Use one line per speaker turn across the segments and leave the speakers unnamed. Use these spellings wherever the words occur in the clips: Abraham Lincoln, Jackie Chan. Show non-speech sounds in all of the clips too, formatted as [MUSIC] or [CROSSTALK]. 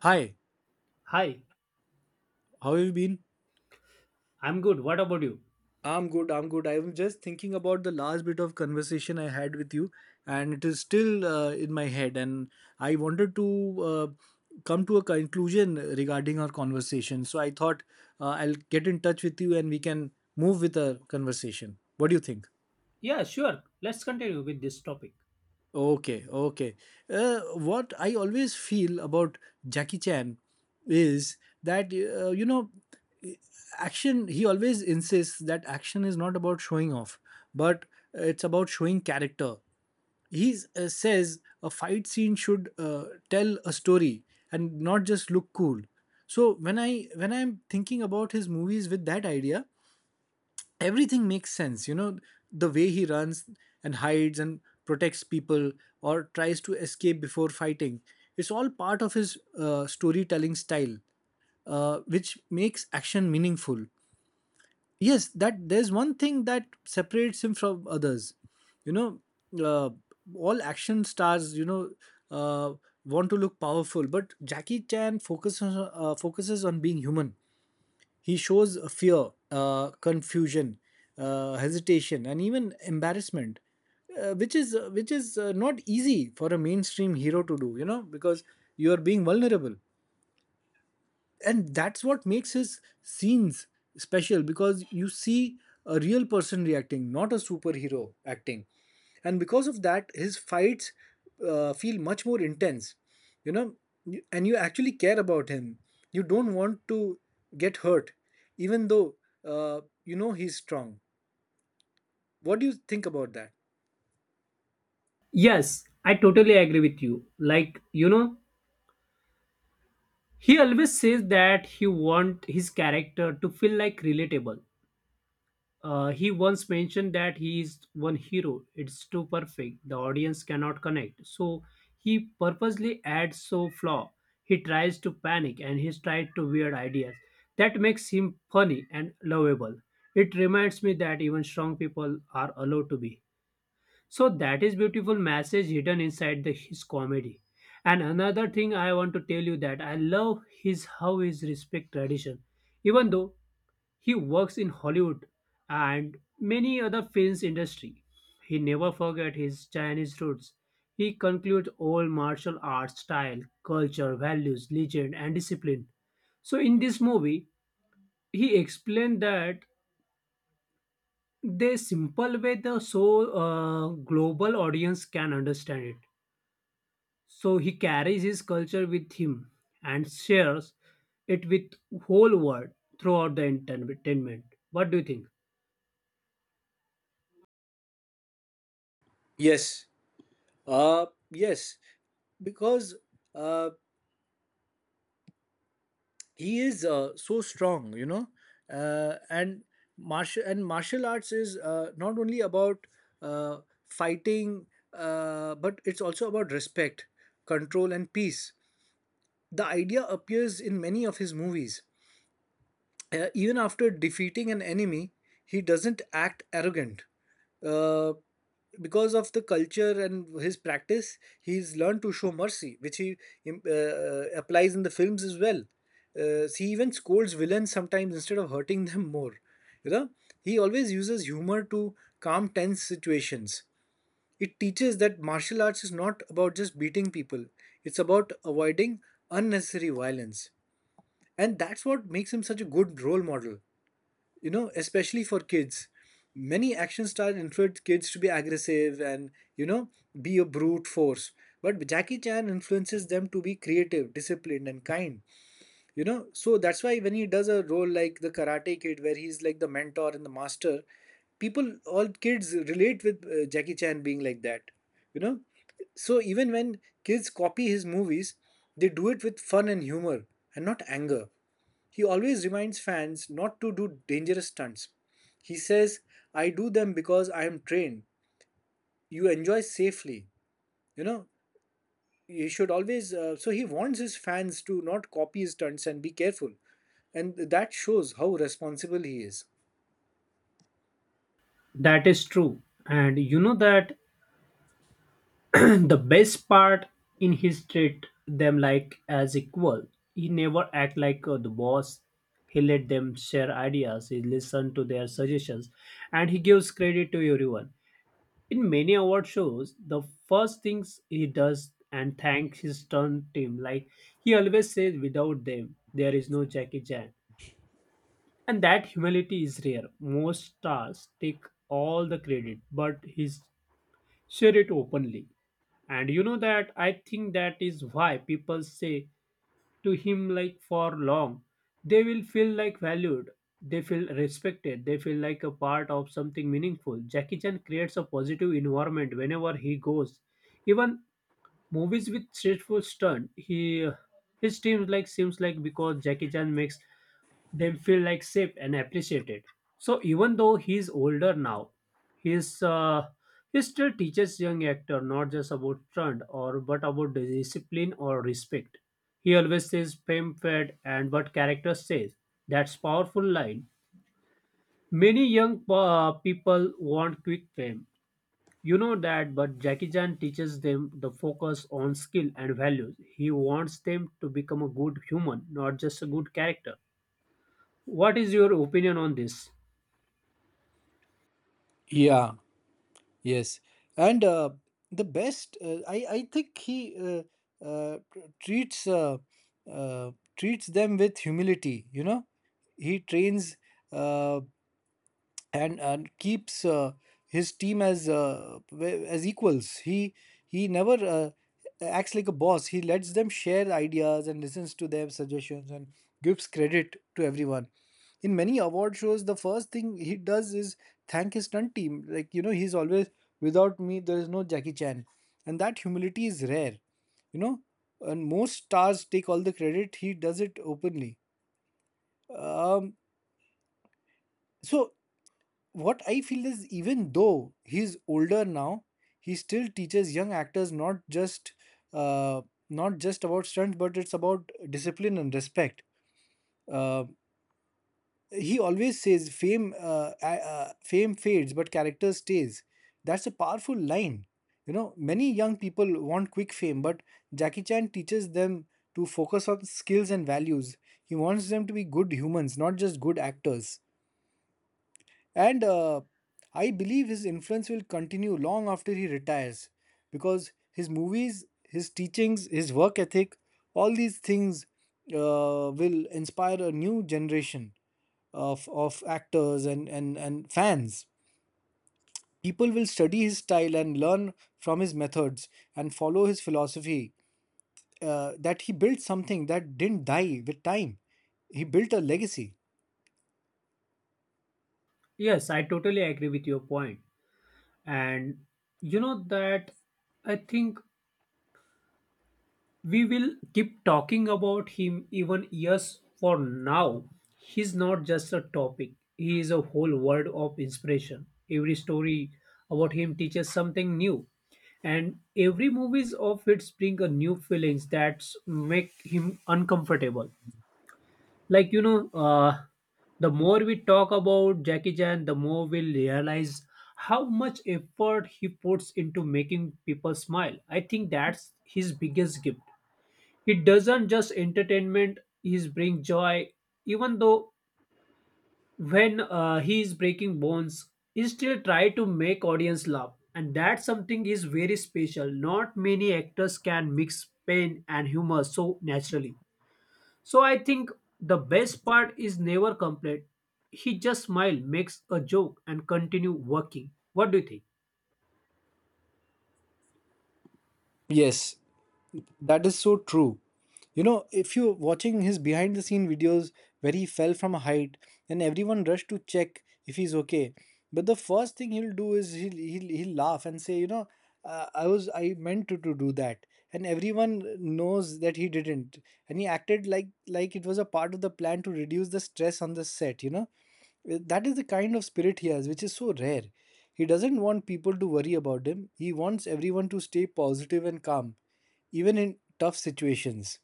Hi,
Hi,
how have you been?
I'm good. What about you?
I'm good. I'm good. I'm just thinking about the last bit of conversation I had with you, and it is still in my head. And I wanted to uh, come to a conclusion regarding our conversation. So I thought I'll get in touch with you and we can move with our conversation. What do you think?
Yeah, sure. Let's continue with this topic.
Okay, okay. What I always feel about Jackie Chan is that action. He always insists that action is not about showing off, but it's about showing character. He says a fight scene should tell a story and not just look cool. So when I'm thinking about his movies with that idea, everything makes sense, you know, the way he runs and hides and protects people or tries to escape before fighting. It's all part of his storytelling style, which makes action meaningful. Yes, that there's one thing that separates him from others, you know, uh, all action stars, uh, want to look powerful, but Jackie Chan focuses on being human. He shows fear, confusion, hesitation, and even embarrassment, which is not easy for a mainstream hero to do. You know, because you are being vulnerable, and that's what makes his scenes special, because you see a real person reacting, not a superhero acting. And because of that his fights feel much more intense, you know, and you actually care about him. You don't want to get hurt, even though, you know, he's strong. What do you think about that?
Yes, I totally agree with you. Like, you know, he always says that he want his character to feel like relatable. He once mentioned that he is one hero. It's too perfect. The audience cannot connect. So he purposely adds so flaw. He tries to panic and he's tried to weird ideas. That makes him funny and lovable. It reminds me that even strong people are allowed to be. So that is beautiful message hidden inside the, his comedy. And another thing I want to tell you that I love his how his respect tradition. Even though he works in Hollywood and many other films industry, he never forget his Chinese roots. He concludes all martial arts style, culture, values, legend, and discipline. So in this movie, he explained that the simple way the so global audience can understand it, so he carries his culture with him and shares it with whole world throughout the entertainment. What do you think?
Yes. Uh yes. Because uh he is so strong, you know, and martial arts is not only about uh, fighting, but it's also about respect, control and peace. The idea appears in many of his movies. Even after defeating an enemy, he doesn't act arrogant. Uh, because of the culture and his practice, he's learned to show mercy, which he applies in the films as well. He even scolds villains sometimes instead of hurting them more. You know, he always uses humor to calm tense situations. It teaches that martial arts is not about just beating people; it's about avoiding unnecessary violence, and that's what makes him such a good role model, you know, especially for kids. Many action stars influence kids to be aggressive and, you know, be a brute force, but Jackie Chan influences them to be creative, disciplined and kind, you know. So that's why when he does a role like the Karate Kid where he's like the mentor and the master, people, all kids relate with Jackie Chan being like that, you know. So even when kids copy his movies, they do it with fun and humor and not anger. He always reminds fans not to do dangerous stunts. He says, "I do them because I am trained. You enjoy safely." You know, you should always. So he warns his fans to not copy his stunts and be careful. And that shows how responsible he is.
That is true. And you know that [CLEARS THROAT] the best part in his treat them like as equal. He never act like the boss. He let them share ideas, he listen to their suggestions, and he gives credit to everyone. In many award shows, the first things he does and thanks his stunt team, like he always says, without them, there is no Jackie Chan. And that humility is rare. Most stars take all the credit, but he share it openly. And you know that I think that is why people say to him like for long, they will feel like valued, they feel respected, they feel like a part of something meaningful. Jackie Chan creates a positive environment whenever he goes, even movies with stressful stunt. He his teams like seems like because Jackie Chan makes them feel like safe and appreciated. So even though he's older now, he's uh, he still teaches young actor not just about trend or but about the discipline or respect. He always says fame fed and what character says. That's powerful line. Many young people want quick fame. You know that, but Jackie Chan teaches them the focus on skill and values. He wants them to become a good human, not just a good character. What is your opinion on this?
Yeah, yes. And the best, I think he uh, treats uh, uh, treats them with humility, you know. He trains, uh, and keeps his team as as equals. He never acts like a boss. He lets them share ideas and listens to their suggestions and gives credit to everyone. In many award shows, the first thing he does is thank his stunt team. Like, you know, he's always without me. There is no Jackie Chan, and that humility is rare. You know, and most stars take all the credit. He does it openly. Um, so what I feel is, even though he's older now, he still teaches young actors not just uh, not just about stunts, but it's about discipline and respect. Uh, he always says, "Fame, fame fades, but character stays." That's a powerful line. You know, many young people want quick fame, but Jackie Chan teaches them to focus on skills and values. He wants them to be good humans, not just good actors. And I believe his influence will continue long after he retires, because his movies, his teachings, his work ethic, all these things will inspire a new generation of actors and fans. People will study his style and learn from his methods and follow his philosophy. That he built something that didn't die with time. He built a legacy.
Yes, I totally agree with your point. And you know that I think we will keep talking about him even years for now. He's not just a topic, he is a whole world of inspiration. Every story about him teaches something new. And every movies of it bring a new feelings that make him uncomfortable. Like you know, the more we talk about Jackie Chan, the more we'll realize how much effort he puts into making people smile. I think that's his biggest gift. He doesn't just entertainment, he's bring joy. Even though when he is breaking bones, he still try to make audience laugh, and that something is very special. Not many actors can mix pain and humor so naturally. So I think the best part is never complain. He just smile, makes a joke, and continue working. What do you think?
Yes, that is so true. You know, if you're watching his behind the scene videos where he fell from a height, and everyone rushed to check if he's okay. But the first thing he'll do is he'll laugh and say, you know, I meant to do that. And everyone knows that he didn't. And he acted like it was a part of the plan to reduce the stress on the set, you know. That is the kind of spirit he has, which is so rare. He doesn't want people to worry about him. He wants everyone to stay positive and calm even in tough situations.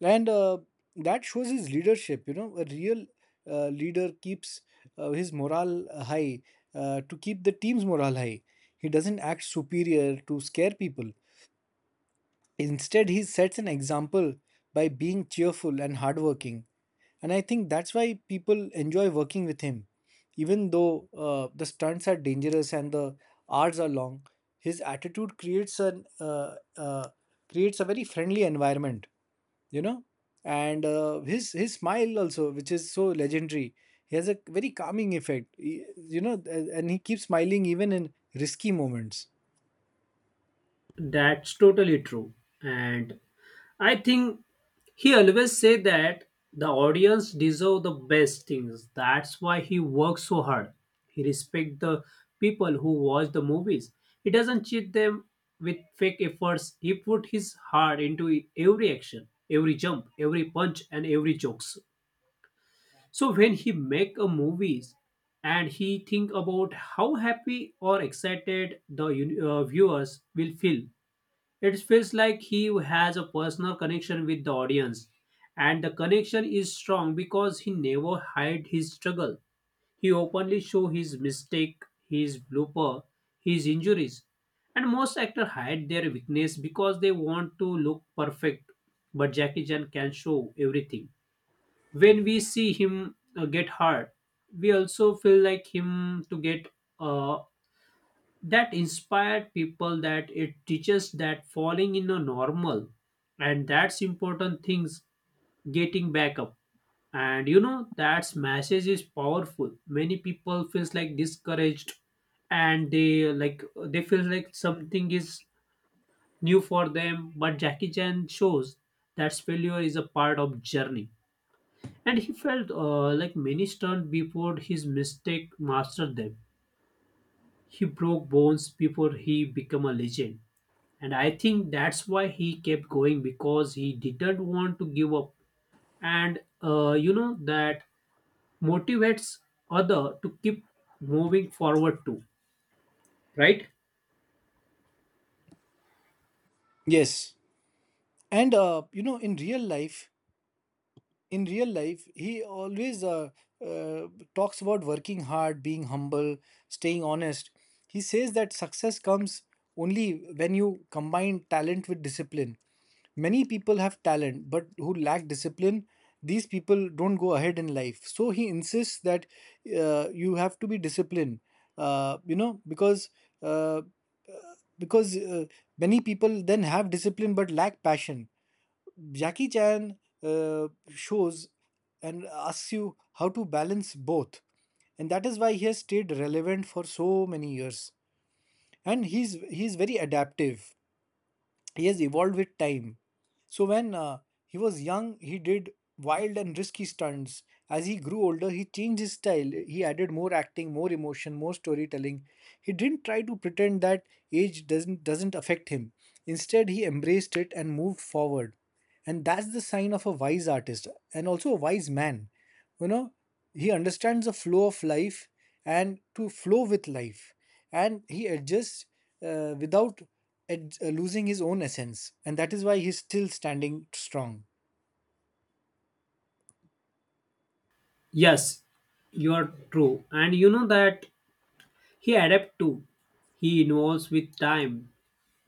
And that shows his leadership. You know, a real leader keeps his morale high to keep the team's morale high. He doesn't act superior to scare people. Instead, he sets an example by being cheerful and hardworking. And I think that's why people enjoy working with him. Even though the stunts are dangerous and the hours are long, his attitude creates a very friendly environment, you know. And his smile also, which is so legendary, he has a very calming effect. You know. And he keeps smiling even in risky moments.
That's totally true. And I think he always say that the audience deserve the best things. That's why he works so hard. He respect the people who watch the movies. He doesn't cheat them with fake efforts. He put his heart into every action, every jump, every punch and every jokes. So when he make a movies and he think about how happy or excited the viewers will feel, it feels like he has a personal connection with the audience, and the connection is strong because he never hide his struggle. He openly show his mistake, his blooper, his injuries, and most actors hide their weakness because they want to look perfect. But Jackie Chan can show everything. When we see him get hurt, we also feel like him to get uh, that inspired people, that it teaches that falling in a normal, and that's important things, getting back up. And you know that's message is powerful. Many people feels like discouraged, and they like they feel like something is new for them, but Jackie Chan shows that failure is a part of journey. And he felt like many stunned before his mistake mastered them. He broke bones before he became a legend. And I think that's why he kept going because he didn't want to give up. And you know that motivates other to keep moving forward too, right?
Yes, and you know, in real life he always uh, talks about working hard, being humble, staying honest. He says that success comes only when you combine talent with discipline. Many people have talent but who lack discipline. These people don't go ahead in life, so he insists that you have to be disciplined, you know, uh, uh, because many people then have discipline but lack passion. Jackie Chan shows and asks you how to balance both, and that is why he has stayed relevant for so many years. And he's very adaptive. He has evolved with time. So when he was young, he did wild and risky stunts. As he grew older, he changed his style. He added more acting, more emotion, more storytelling. He didn't try to pretend that age doesn't affect him. Instead, he embraced it and moved forward. And that's the sign of a wise artist and also a wise man. You know, he understands the flow of life and to flow with life, and he adjusts without losing his own essence, and that is why he's still standing strong.
Yes, you are true. And you know that he adapt too. He involves with time.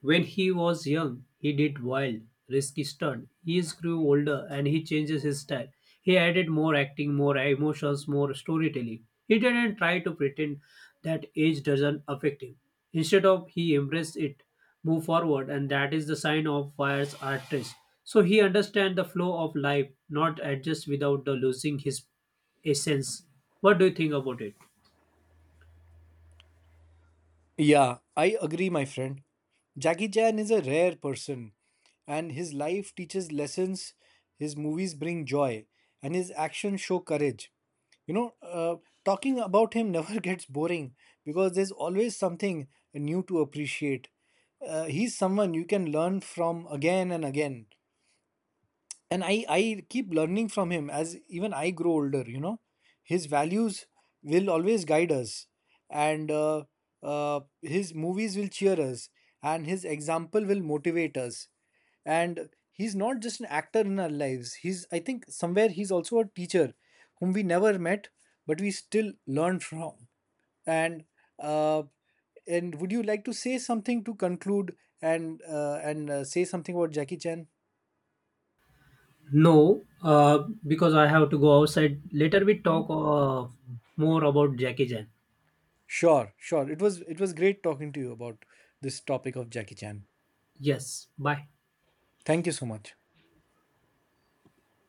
When he was young, he did wild, risky stunts. He grew older and he changes his style. He added more acting, more emotions, more storytelling. He didn't try to pretend that age doesn't affect him. Instead of he embraced it, move forward, and that is the sign of Fire's artist. So he understands the flow of life, not adjust without the losing his essence. What do you think about it?
Yeah, I agree, my friend. Jackie Chan is a rare person, and his life teaches lessons, his movies bring joy, and his actions show courage. You know, talking about him [LAUGHS] never gets boring because there's always something new to appreciate. He's someone you can learn from again and again, and I keep learning from him as even I grow older, you know. His values will always guide us, and his movies will cheer us and his example will motivate us. And he's not just an actor in our lives, he's, I think, somewhere he's also a teacher whom we never met but we still learn from. And uh, and would you like to say something to conclude, and say something about Jackie Chan?
No, because I have to go outside. Later we talk more about Jackie Chan.
Sure, sure. It was great talking to you about this topic of Jackie Chan.
Yes, bye.
Thank you so much.